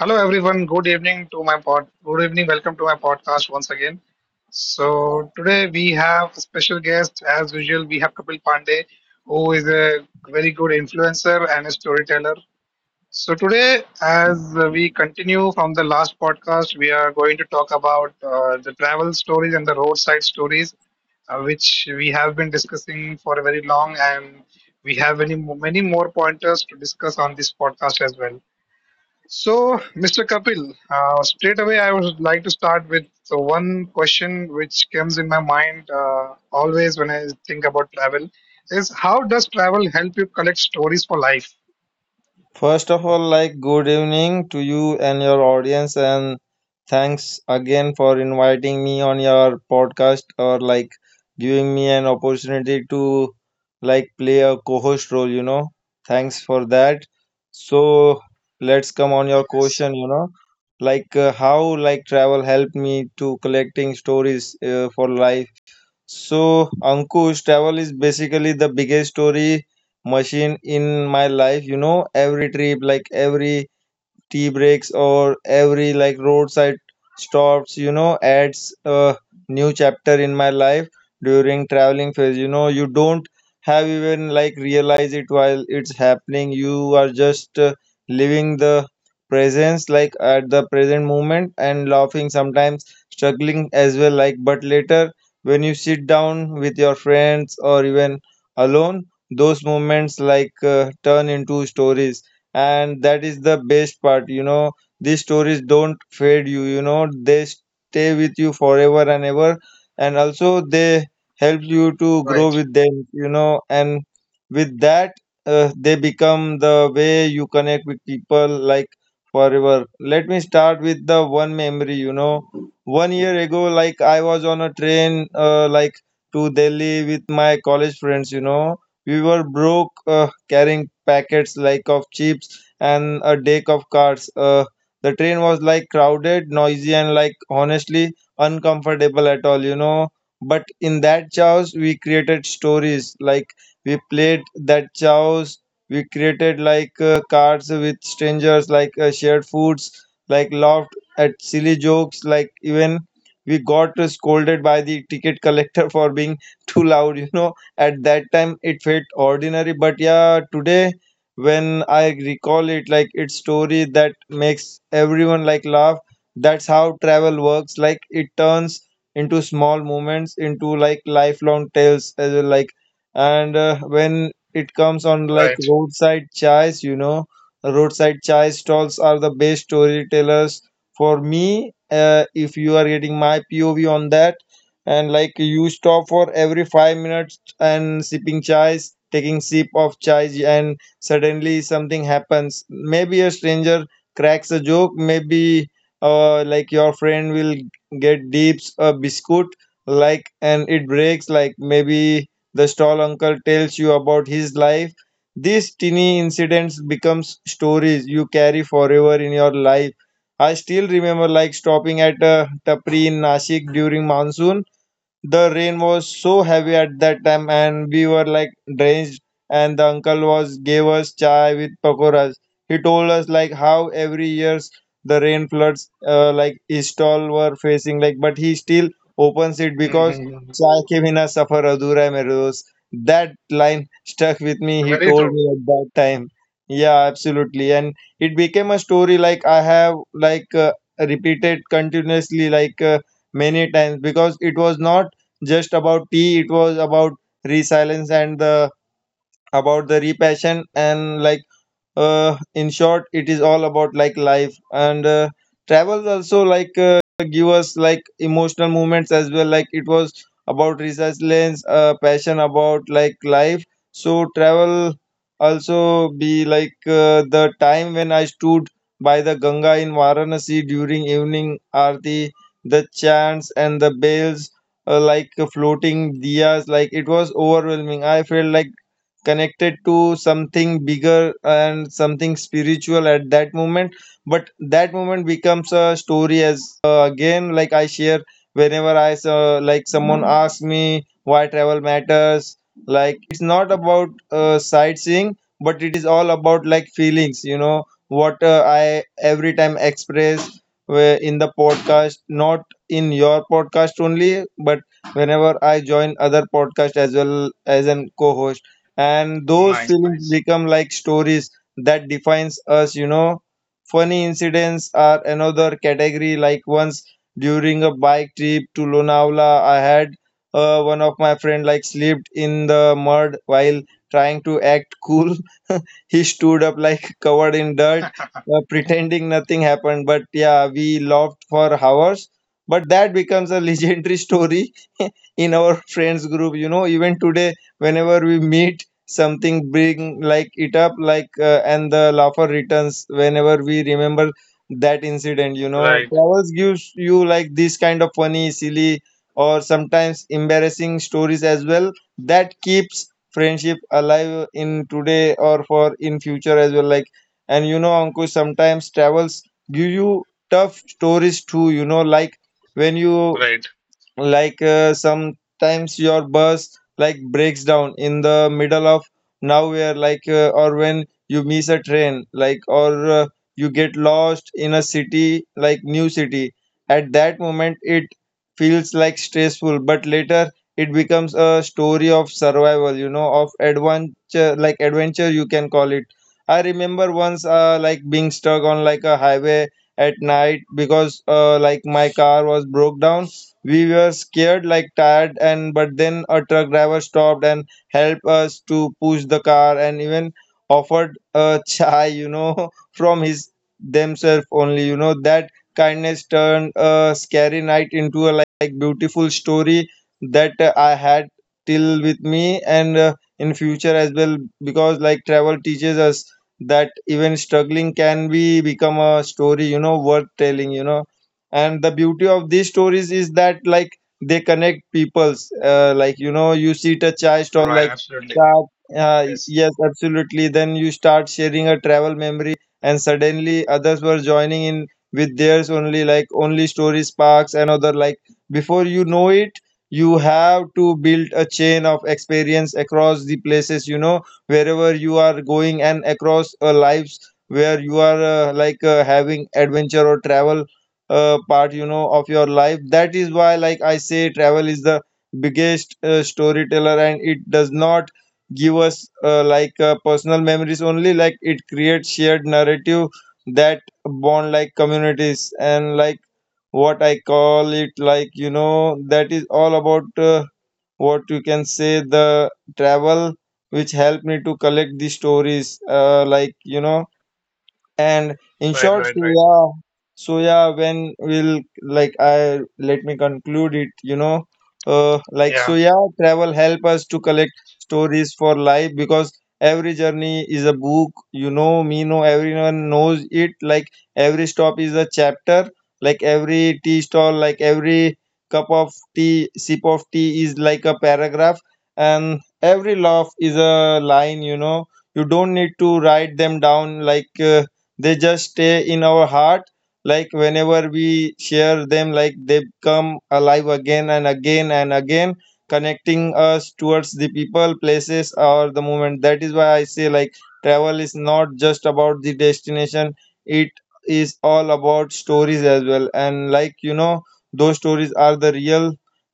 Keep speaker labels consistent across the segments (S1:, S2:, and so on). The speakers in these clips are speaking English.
S1: Hello everyone. Good evening, welcome to my podcast once again. So today we have a special guest as usual. We have Kapil Pandey, who is a very good influencer and a storyteller. So today, as we continue from the last podcast, we are going to talk about the travel stories and the roadside stories, which we have been discussing for a very long, and we have many more pointers to discuss on this podcast as well. So, Mr. Kapil, straight away I would like to start with the one question which comes in my mind, always when I think about travel, is how does travel help you collect stories for life?
S2: First of all, good evening to you and your audience, and thanks again for inviting me on your podcast or giving me an opportunity to play a co-host role, Thanks for that. So let's come on your
S1: Yes,
S2: question, how travel helped me to collecting stories for life. So Ankush, travel is basically the biggest story machine in my life. You know, every trip, every tea breaks or every roadside stops, you know, adds a new chapter in my life. During traveling phase, you know, you don't have even realize it while it's happening. You are just living the presence like at the present moment, and laughing, sometimes struggling as well, but later when you sit down with your friends or even alone, those moments turn into stories, and that is the best part. You know, these stories don't fade you, you know, they stay with you forever and ever, and also they help you to grow
S1: right,
S2: with them, you know. And with that they become the way you connect with people, forever. Let me start with the one memory. You know, 1 year ago, I was on a train to Delhi with my college friends. You know, we were broke, carrying packets of chips and a deck of cards. The train was crowded, noisy, and honestly uncomfortable at all, you know. But in that chaos, we created stories. Like we played that chaos. We created like cards with strangers, shared foods, laughed at silly jokes, even we got scolded by the ticket collector for being too loud. You know, at that time, it felt ordinary, but yeah, today when I recall it, its story that makes everyone laugh. That's how travel works. It turns into small moments, into lifelong tales as well. Like and When it comes on
S1: right.
S2: roadside chais, you know, roadside chai stalls are the best storytellers for me. If you are getting my POV on that, and you stop for every 5 minutes and sipping chais, taking sip of chai, and suddenly something happens. Maybe a stranger cracks a joke. Maybe your friend will get dips a biscuit, and it breaks. Maybe the stall uncle tells you about his life. These teeny incidents becomes stories you carry forever in your life. I still remember stopping at a tapri in Nashik during monsoon. The rain was so heavy at that time, and we were drenched. And the uncle was gave us chai with pakoras. He told us how every years the rain floods, his stall were facing like, but he still opens it because
S1: Hmm.
S2: chai ke bina safar adhura hai mere dost. That line stuck with me. He
S1: Very
S2: told
S1: true.
S2: me at that time. Yeah, absolutely, and it became a story I have repeated continuously many times because it was not just about tea. It was about resilience and the about the repassion, and in short it is all about life. And travels also give us emotional moments as well. It was about resilience, passion about life. So travel also be the time when I stood by the Ganga in Varanasi during evening aarti. The chants and the bells, floating diyas, it was overwhelming. I felt connected to something bigger and something spiritual at that moment. But that moment becomes a story as again, I share whenever I someone asks me why travel matters. It's not about sightseeing, but it is all about feelings. You know what I every time express in the podcast, not in your podcast only, but whenever I join other podcast as well as an co-host, and those
S1: Nice,
S2: feelings
S1: nice.
S2: become stories that defines us, you know. Funny incidents are another category. Once during a bike trip to Lonavala, I had one of my friend slipped in the mud while trying to act cool. He stood up, covered in dirt, pretending nothing happened, but yeah, we laughed for hours, but that becomes a legendary story in our friends group, you know. Even today whenever we meet, something bring it up, and the laughter returns whenever we remember that incident, you know.
S1: Right,
S2: Travels gives you this kind of funny, silly, or sometimes embarrassing stories as well, that keeps friendship alive in today or for in future as well. And you know, Ankush, sometimes travels give you tough stories too, you know, like when you
S1: right,
S2: sometimes your bus breaks down in the middle of nowhere, or when you miss a train, or you get lost in a city, new city. At that moment it feels stressful, but later it becomes a story of survival, you know, of adventure, adventure you can call it. I remember once being stuck on a highway at night because my car was broke down. We were scared, tired, and but then a truck driver stopped and helped us to push the car and even offered a chai, you know, from his themselves only, you know, that kindness turned a scary night into a beautiful story that I had till with me, and in future as well, because travel teaches us that even struggling can be become a story, you know, worth telling, you know. And the beauty of these stories is that they connect peoples, you know, you see a chai stall
S1: right. Absolutely.
S2: that
S1: Yes,
S2: yes absolutely, then you start sharing a travel memory, and suddenly others were joining in with theirs only, only story sparks, and other before you know it you have to build a chain of experience across the places, you know, wherever you are going, and across lives where you are having adventure or travel part, you know, of your life. That is why I say travel is the biggest storyteller, and it does not give us personal memories only, it creates shared narrative that bond communities. And what I call it, you know, that is all about uh, what you can say, the travel which helped me to collect the stories, you know. And in
S1: right,
S2: short,
S1: right,
S2: so
S1: right.
S2: yeah, so yeah, when will I let me conclude it, you know, so
S1: Yeah,
S2: yeah, travel help us to collect stories for life because every journey is a book, you know, me know everyone knows it, every stop is a chapter, every tea stall, every cup of tea sip of tea is like a paragraph, and every laugh is a line, you know. You don't need to write them down, they just stay in our heart. Whenever we share them, they come alive again and again and again, connecting us towards the people, places, or the moment. That is why I say travel is not just about the destination, it is all about stories as well. And you know, those stories are the real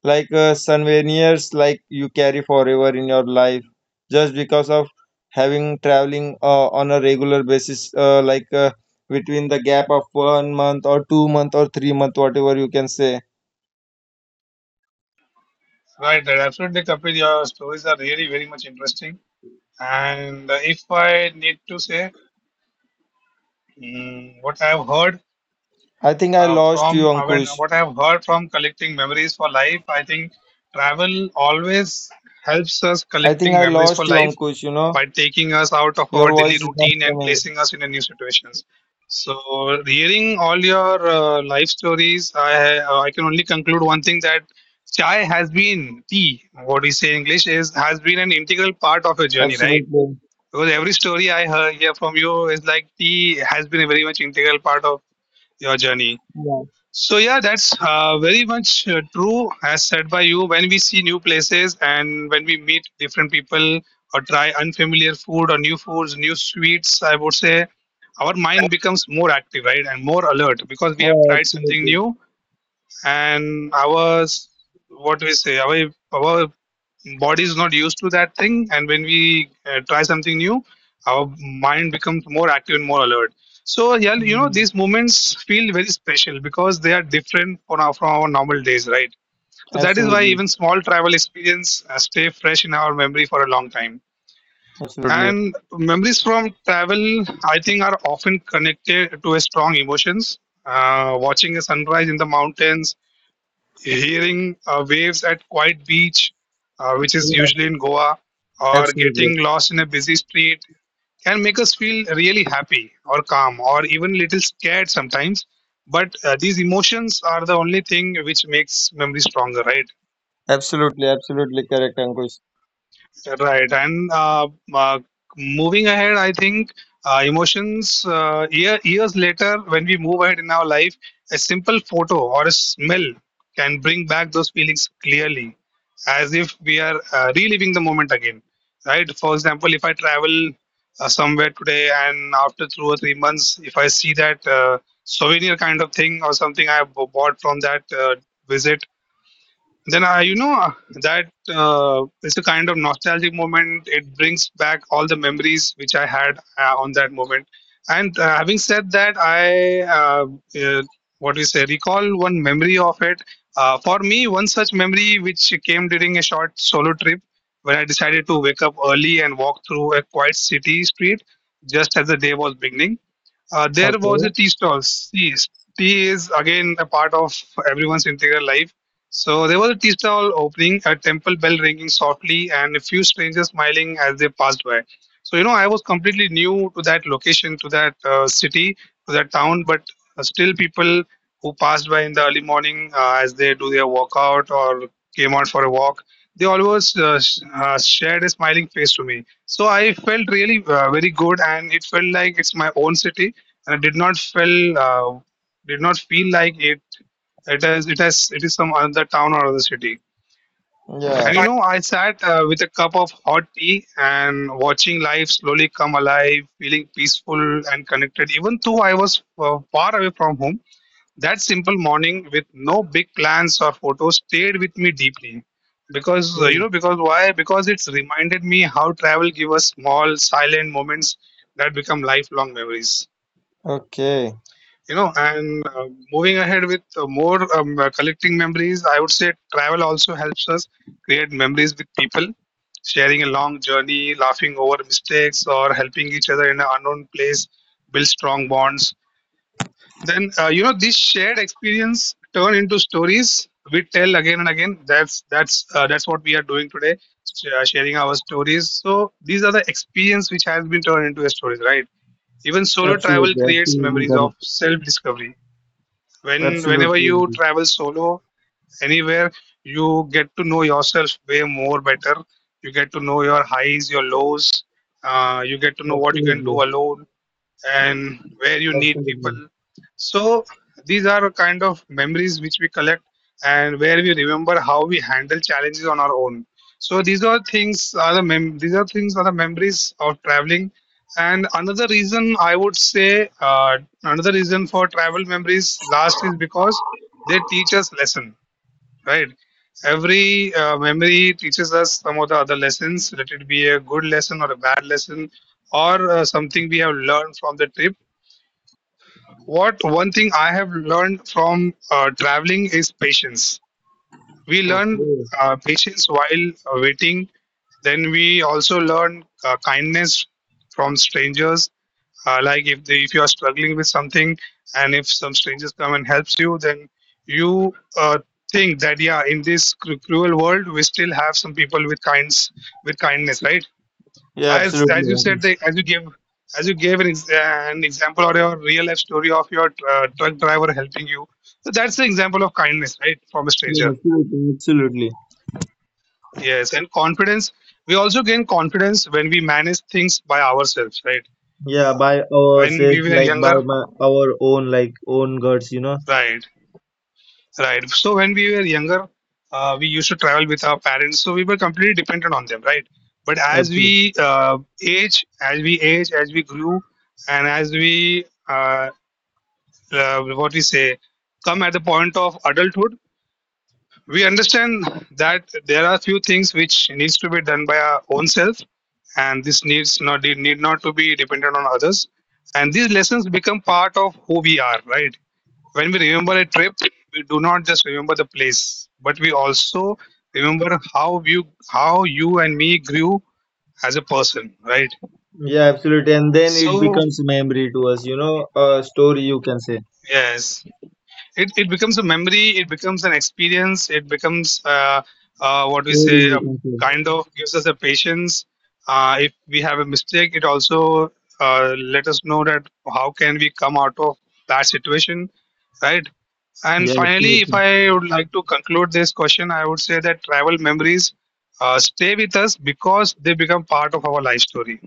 S2: souvenirs you carry forever in your life, just because of having traveling on a regular basis, between the gap of 1 month or 2 month or 3 month, whatever you can say.
S1: right, right. Absolutely, Kapil. Your stories are really very much interesting. And if I need to say, what I've heard,
S2: i think i lost you
S1: From when
S2: ankush
S1: what I have heard from collecting memories for life, I think travel always helps us
S2: I think
S1: collecting
S2: I
S1: memories for
S2: lost you,
S1: life
S2: Ankush. You know,
S1: by taking us out of
S2: your
S1: our daily
S2: voice is not
S1: routine and
S2: coming.
S1: placing us in a new situations. So, hearing all your life stories, I can only conclude one thing, that chai has been tea. What we say in English is has been an integral part of your journey, right?
S2: Absolutely.
S1: Because every story I hear from you is like tea has been a very much integral part of your journey.
S2: Yeah,
S1: So yeah, that's very much true as said by you. When we see new places and when we meet different people or try unfamiliar food or new foods, new sweets, I would say our mind becomes more active, right, and more alert because we have
S2: yeah,
S1: tried something
S2: absolutely.
S1: new, and what do we say, our body is not used to that thing. And when we try something new, our mind becomes more active and more alert. So yeah,
S2: Hmm.
S1: these moments feel very special because they are different on from our normal days, right? So that is why
S2: Absolutely.
S1: even small travel experience stay fresh in our memory for a long time.
S2: Yeah, absolutely.
S1: And memories from travel, I think, are often connected to a strong emotions. Watching a sunrise in the mountains, hearing waves at quiet beach, which is
S2: Yeah,
S1: usually in Goa, or
S2: absolutely.
S1: getting lost in a busy street can make us feel really happy or calm or even little scared sometimes. But these emotions are the only thing which makes memory stronger, right?
S2: Absolutely. Absolutely correct, Ankush.
S1: Right. And uh, moving ahead, I think emotions, years later, when we move ahead in our life, a simple photo or a smell can bring back those feelings clearly, as if we are reliving the moment again. Right. For example, if I travel somewhere today and after 2 or 3 months, if I see that souvenir kind of thing or something I have bought from that visit, then I, you know, that it's a kind of nostalgic moment. It brings back all the memories which I had on that moment. And having said that, I, uh, what do you say, recall one memory of it. For me, one such memory which came during a short solo trip when I decided to wake up early and walk through a quiet city street just as the day was beginning. There was a
S2: Okay.
S1: tea stall. Tea, tea is again a part of everyone's integral life. So there was a tea stall opening, a temple bell ringing softly, and a few strangers smiling as they passed by. So I was completely new to that location, to that city, to that town, but still people who passed by in the early morning, as they do their workout or came out for a walk, they always shared a smiling face to me. So I felt really very good, and it felt like it's my own city, and I did not feel like it is some other town or other city.
S2: Yeah.
S1: And
S2: Okay.
S1: I sat with a cup of hot tea and watching life slowly come alive, feeling peaceful and connected even though I was far away from home. That simple morning with no big plans or photos stayed with me deeply, because you know because why because it's reminded me how travel gives us small silent moments that become lifelong memories
S2: Okay.
S1: you know and uh, moving ahead with more collecting memories, I would say travel also helps us create memories with people, sharing a long journey, laughing over mistakes, or helping each other in an unknown place build strong bonds. Then this shared experience turn into stories we tell again and again. That's what we are doing today, sharing our stories. So these are the experience which has been turned into a stories, right? Even solo travel
S2: Absolutely,
S1: creates
S2: absolutely
S1: memories of
S2: correct.
S1: self discovery. Whenever
S2: Absolutely,
S1: you
S2: Ankush.
S1: travel solo anywhere, you get to know yourself way more better. You get to know your highs, your lows. You get to know what you can do
S2: Absolutely.
S1: alone and where you need people.
S2: Absolutely.
S1: So these are kind of memories which we collect and where we remember how we handle challenges on our own. So these are things are the memories of traveling. And another reason, I would say, another reason for travel memories last is because they teach us lesson, right? Every memory teaches us some of the other lessons, let it be a good lesson or a bad lesson, or something we have learned from the trip. What, one thing I have learned from traveling is patience. We learn
S2: Okay.
S1: patience while waiting. Then we also learn kindness from strangers. Like if if you are struggling with something, and if some strangers come and helps you, then you think that, yeah, in this cruel world, we still have some people with kinds with kindness, right?
S2: Yeah,
S1: as
S2: absolutely.
S1: as you said as you gave an example, or your real life story of your truck driver helping you. So that's the example of kindness, right, from a
S2: Yeah,
S1: stranger.
S2: absolutely, absolutely.
S1: Yes. And confidence, we also gain confidence when we manage things by ourselves, right?
S2: Yeah. Yeah. By
S1: When we
S2: ourselves,
S1: were
S2: by
S1: younger,
S2: our own, own guts, you know.
S1: right, right. So when we were younger, we used to travel with our parents, so we were completely dependent on them, right? But as we
S2: Absolutely.
S1: grew and as we uh, what we say, come at the point of adulthood, we understand that there are few things which needs to be done by our own self, and this needs not need not to be dependent on others. And these lessons become part of who we are, right? When we remember a trip, we do not just remember the place, but we also remember how you and me grew as a person, right?
S2: Yeah, absolutely. And then it
S1: So
S2: becomes memory to us, you know, a story you can say.
S1: yes, it becomes a memory, it becomes an experience, it becomes what we
S2: Story
S1: say, a
S2: you can say.
S1: kind of gives us a patience. If we have a mistake, it also let us know that how can we come out of that situation, right? And
S2: Yeah,
S1: finally, if
S2: absolutely.
S1: I would like to conclude this question, I would say that travel memories stay with us because they become part of our life story.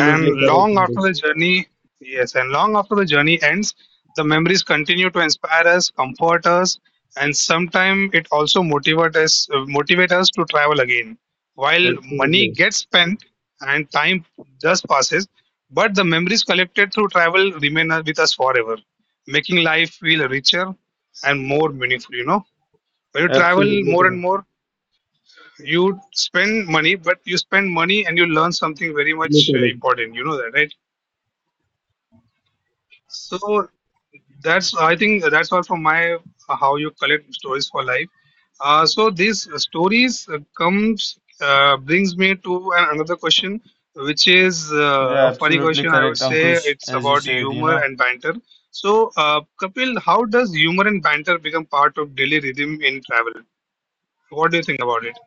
S1: And
S2: correct
S1: long
S2: on
S1: after
S2: this.
S1: the journey, yes, and long after the journey ends, the memories continue to inspire us, comfort us, and sometimes it also motivate us to travel again. While money
S2: Absolutely.
S1: gets spent and time just passes, but the memories collected through travel remain with us forever, making life feel richer and more meaningful. When you travel
S2: Absolutely
S1: more and
S2: correct.
S1: more, you spend money, but you spend money and you learn something very much
S2: Absolutely correct.
S1: important. You know that, right? So that's, I think, that's all from my how you collect stories for life. So these stories, comes brings me to another question, which is
S2: Yeah,
S1: a funny
S2: absolutely
S1: question. I would
S2: correct,
S1: say
S2: Ankush.
S1: it's
S2: As you
S1: about
S2: said, you
S1: humor
S2: know,
S1: and banter. So Kapil, how does humor and banter become part of daily rhythm in travel? What do you think about it?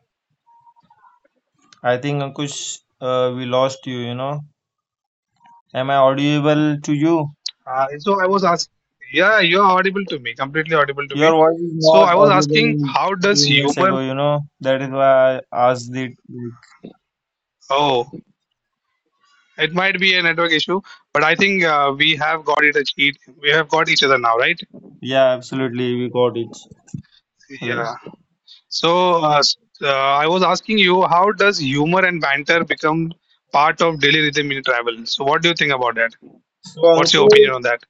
S2: I think Ankush, we lost you. You know, am I audible to you?
S1: So I was asked, yeah, you're audible to me, completely audible to
S2: Your
S1: me.
S2: voice is
S1: So
S2: not
S1: I was asking,
S2: audible
S1: how
S2: a
S1: does
S2: few minutes
S1: humor?
S2: ago, you know. That is why I asked it. like-
S1: Oh. It might be a network issue, but I think we have got it. We have got each other now, right?
S2: Yeah, absolutely. We got it. So, that's-
S1: Yeah. So uh, s- uh, I was asking you, how does humor and banter become part of daily rhythm in travel? So what do you think about that?
S2: So,
S1: What's your
S2: Ankur,
S1: opinion on that?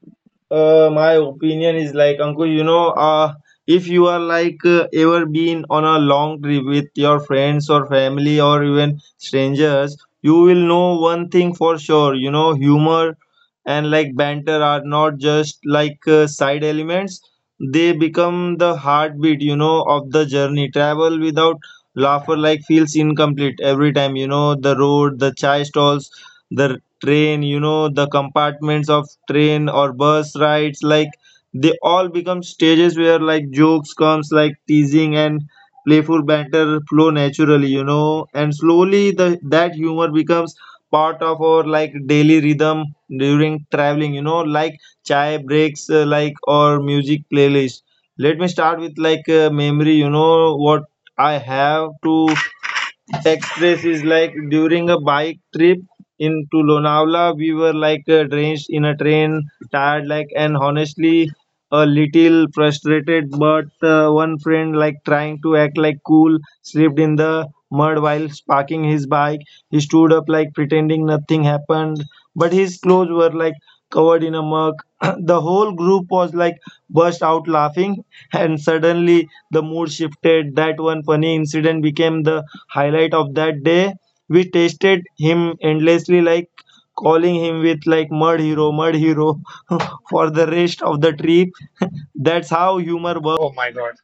S2: My opinion is Ankur, you know, if you are ever been on a long trip with your friends or family or even strangers, you will know one thing for sure. You know, humor and banter are not just like side elements; they become the heartbeat You know, of the journey. Travel without laughter like feels incomplete every time. You know, the road, the chai stalls, the train, you know, the compartments of train or bus rides, like they all become stages where like jokes comes, like teasing and playful banter flow naturally, you know, and slowly the that humor becomes part of our like daily rhythm during traveling, you know, like chai breaks, like or music playlist. Let me start with like a memory. You know what I have to express is like during a bike trip into Lonavala, we were like drenched in a train, tired, like, and honestly, a little frustrated. But one friend, like, trying to act like cool, slipped in the mud while parking his bike. He stood up, like, pretending nothing happened, but his clothes were like covered in a mug. The whole group was like burst out laughing, and suddenly the mood shifted. That one funny incident became the highlight of that day. We tested him endlessly, like calling him with like mud hero for the rest of the trip. That's how humor works.
S1: Oh my God.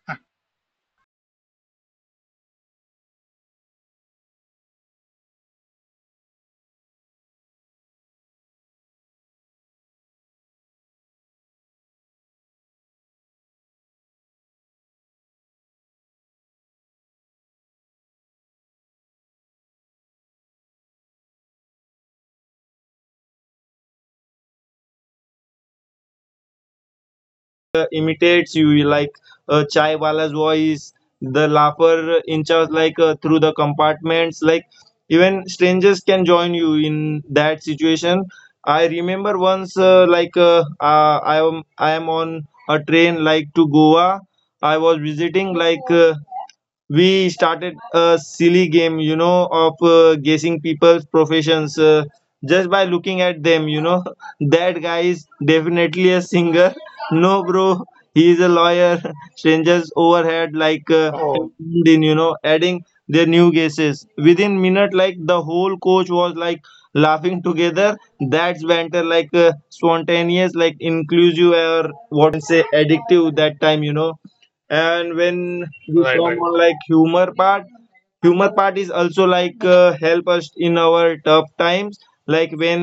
S2: Imitates you like chai wala's voice, the laugher inches like through the compartments, like even strangers can join you in that situation. I remember once, I am on a train like to Goa. I was visiting, like, we started a silly game, you know, of guessing people's professions, just by looking at them, you know. That guy is definitely a singer. No bro, he is a lawyer. Strangers overhead like and
S1: Oh,
S2: zoomed in, you know, adding their new guesses within minute, like the whole coach was like laughing together. That's banter, like spontaneous, like inclusive, or what say addictive, that time, you know. And when we
S1: right,
S2: come
S1: right.
S2: on like humor part, humor part is also like help us in our tough times, like when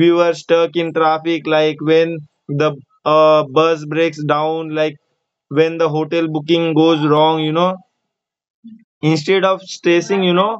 S2: we were stuck in traffic, like when the bus breaks down, like when the hotel booking goes wrong. You know, instead of stressing, you know,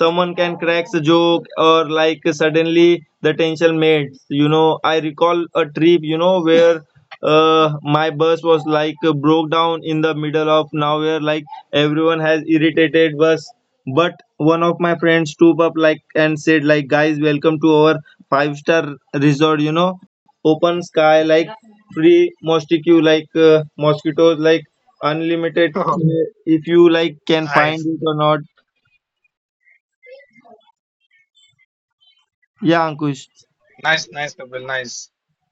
S2: someone can cracks a joke, or like suddenly the tension melts, you know. I recall a trip, you know, where my bus was like broke down in the middle of nowhere, like everyone has irritated bus, but one of my friends stood up, like, and said like, guys, welcome to our five-star resort. You know, open sky, like free mosquito, like mosquitoes, like unlimited,
S1: Oh,
S2: if you like can find
S1: nice,
S2: it or not. Yeah, Ankush.
S1: nice, nice, Kapil. Nice.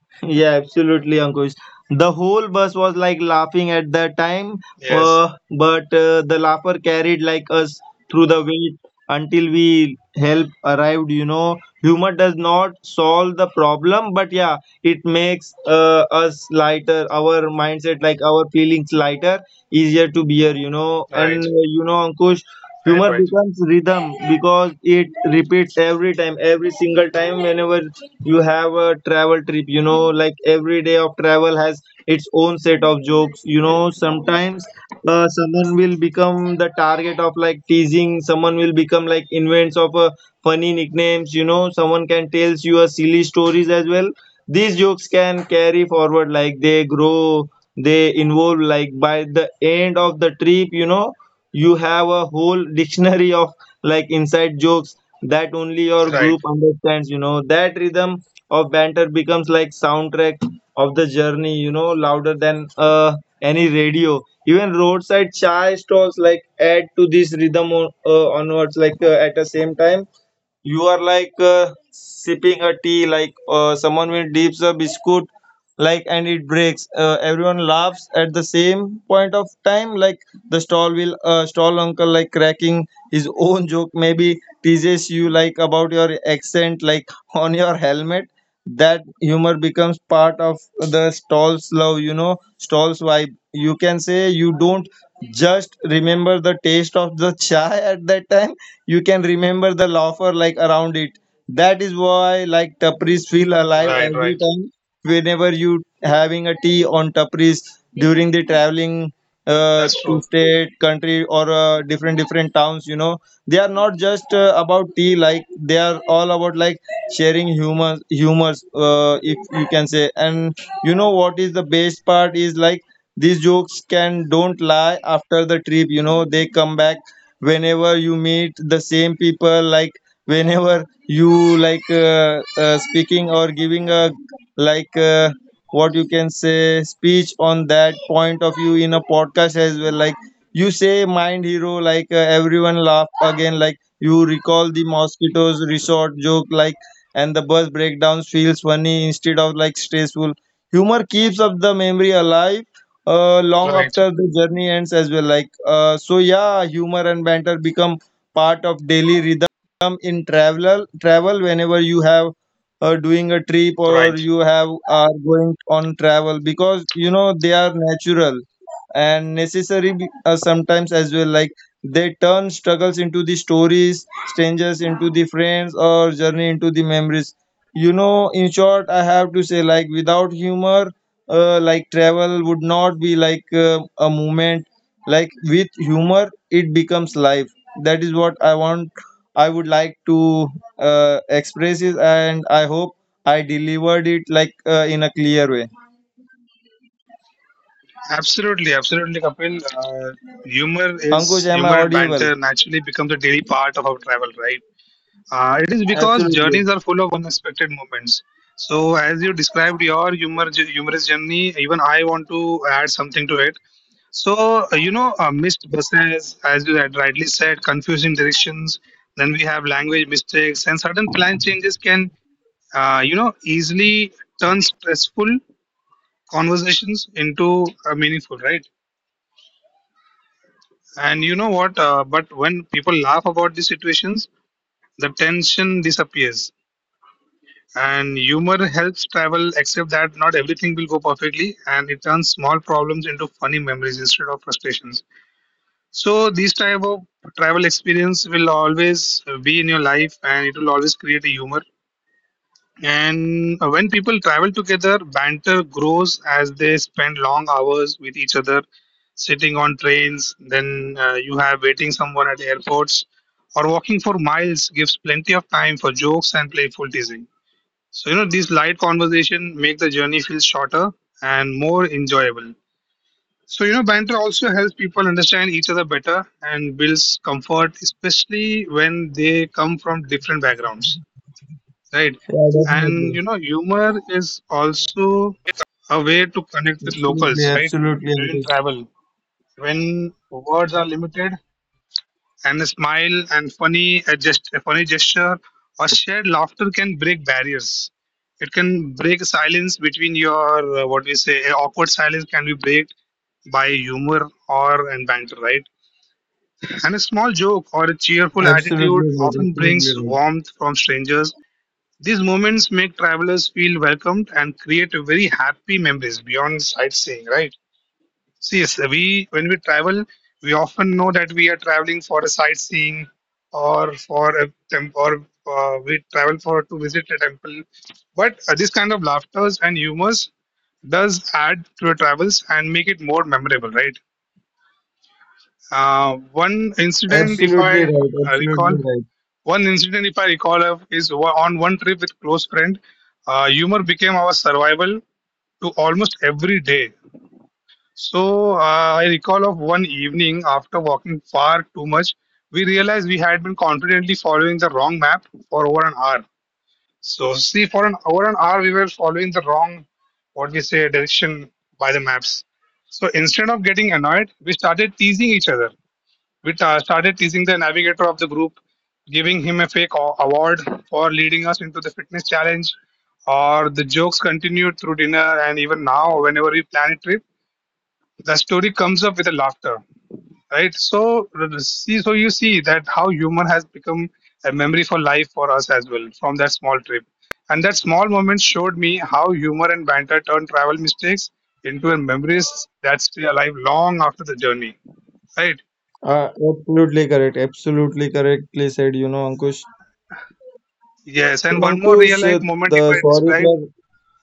S2: Yeah, absolutely Ankush, the whole bus was like laughing at that time,
S1: Yes.
S2: uh, but the laughter carried like us through the wait until we help arrived. You know, humor does not solve the problem, but yeah, it makes us lighter, our mindset, like our feelings, lighter, easier to bear, you know. And
S1: Right,
S2: you know, Ankush,
S1: right,
S2: humor
S1: right,
S2: becomes rhythm because it repeats every time, every single time whenever you have a travel trip. You know, like every day of travel has its own set of jokes. You know, sometimes someone will become the target of like teasing, someone will become like invents of funny nicknames. You know, someone can tells you a silly stories as well. These jokes can carry forward, like they grow, they involve, like by the end of the trip, you know, you have a whole dictionary of like inside jokes that only your
S1: right,
S2: group understands, you know. That rhythm of banter becomes like soundtrack of the journey, you know, louder than any radio. Even roadside chai stalls like add to this rhythm on, onwards, like at the same time you are like sipping a tea, like someone will dips a biscuit, like and it breaks, everyone laughs at the same point of time. Like the stall uncle like cracking his own joke, maybe teases you like about your accent, like on your helmet. That humor becomes part of the stall's love, you know, stall's vibe, you can say. You don't just remember the taste of the chai at that time, you can remember the laughter like around it. That is why like tapris feel alive
S1: right,
S2: every
S1: right.
S2: time whenever you having a tea on tapris during the traveling,
S1: That's
S2: to
S1: true.
S2: state country or different different towns. You know, they are not just about tea, like they are all about like sharing humor, humors if you can say. And you know what is the best part is, like these jokes can don't lie after the trip, you know, they come back whenever you meet the same people, like whenever you like speaking or giving a like what you can say speech on that point of view, in a podcast as well. Like you say mind hero, like everyone laugh again, like you recall the mosquitoes resort joke, like and the bus breakdowns feels funny instead of like stressful. Humor keeps up the memory alive long
S1: Right,
S2: after the journey ends as well. Like so, yeah, humor and banter become part of daily rhythm in travel. Travel whenever you have doing a trip or
S1: right.
S2: you have are going on travel, because you know they are natural and necessary sometimes as well. Like they turn struggles into the stories, strangers into the friends, or journey into the memories. You know, in short, I have to say, like without humor, like travel would not be like a movement. Like with humor it becomes life. That is what I want, I would like to express it, and I hope I delivered it like in a clear way,
S1: Absolutely, absolutely, Kapil. Uh, humor
S2: Ankush.
S1: is
S2: Am I
S1: humor and
S2: audible?
S1: banter naturally becomes a daily part of our travel, right? It is because
S2: Absolutely.
S1: journeys are full of unexpected moments. So, as you described your humorous journey, even I want to add something to it. So, missed buses, as you had rightly said, confusing directions. Then we have language mistakes, and sudden plan changes can, easily turn stressful conversations into meaningful, right? And you know what? But when people laugh about these situations, the tension disappears. And humor helps travel, except that not everything will go perfectly, and it turns small problems into funny memories instead of frustrations. So these type of travel experience will always be in your life, and it will always create a humor. And when people travel together, banter grows as they spend long hours with each other, sitting on trains. Then you have waiting someone at airports or walking for miles gives plenty of time for jokes and playful teasing. So, these light conversation make the journey feel shorter and more enjoyable. So, banter also helps people understand each other better and builds comfort, especially when they come from different backgrounds, right?
S2: Yeah,
S1: And
S2: definitely.
S1: humor is also a way to connect with
S2: Absolutely,
S1: locals, right?
S2: absolutely
S1: During
S2: Ankush,
S1: travel, when words are limited, and a smile and a funny gesture or shared laughter can break barriers. It can break silence between your what we say a awkward silence can be break by humor or and banter, right? And a small joke or a cheerful
S2: absolutely
S1: attitude
S2: right,
S1: often
S2: absolutely
S1: brings
S2: right,
S1: warmth from strangers. These moments make travelers feel welcomed and create a very happy memories beyond sightseeing, right? See, yes, we when we travel, we often know that we are traveling for a sightseeing or for a temple, or we travel for to visit a temple. But this kind of laughters and humors does add to your travels and make it more memorable, right? Uh, one incident, if
S2: absolutely
S1: I
S2: right,
S1: uh,
S2: absolutely
S1: recall,
S2: right,
S1: One incident, if I recall, on one trip with close friend, humor became our survival to almost every day. So I recall of one evening after walking far too much, we realized we had been confidently following the wrong map for over an hour. So see, for an over an hour, we were following the wrong, what we say, direction by the maps. So instead of getting annoyed, we started teasing each other. We started teasing the navigator of the group, giving him a fake award for leading us into the fitness challenge. Or the jokes continued through dinner and even now, whenever we plan a trip, the story comes up with a laughter, right? So see, so you see that how humor has become a memory for life for us as well from that small trip. And that small moment showed me how humor and banter turn travel mistakes into memories that stay alive long after the journey, right?
S2: absolutely correct, absolutely correctly said, you know, Ankush.
S1: Yes, and one more real
S2: Pankush,
S1: life moment if
S2: the
S1: I
S2: sorry
S1: describe.
S2: for,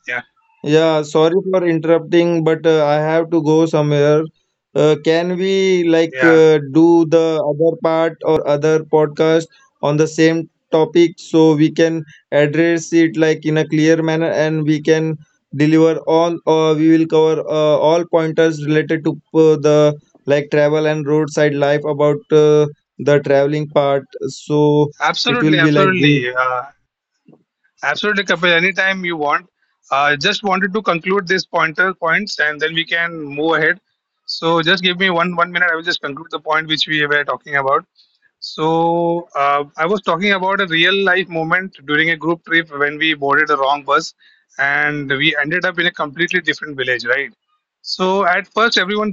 S1: Yeah,
S2: yeah, sorry for interrupting, but I have to go somewhere. Can we like
S1: yeah,
S2: do the other part or other podcast on the same topic, so we can address it like in a clear manner and we can deliver all, or we will cover all pointers related to the like travel and roadside life about the traveling part. So it will
S1: absolutely,
S2: be like good.
S1: absolutely, absolutely, Kapil. Anytime you want. Just wanted to conclude these pointer points, and then we can move ahead. So just give me one minute. I will just conclude the point which we were talking about. So I was talking about a real life moment during a group trip when we boarded the wrong bus, and we ended up in a completely different village, right? So at first, everyone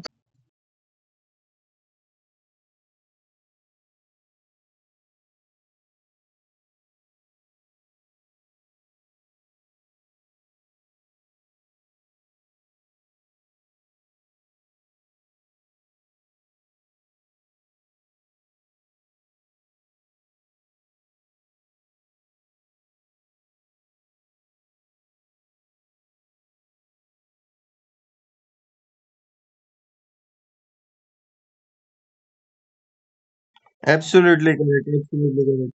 S2: Absolutely correct. Absolutely correct.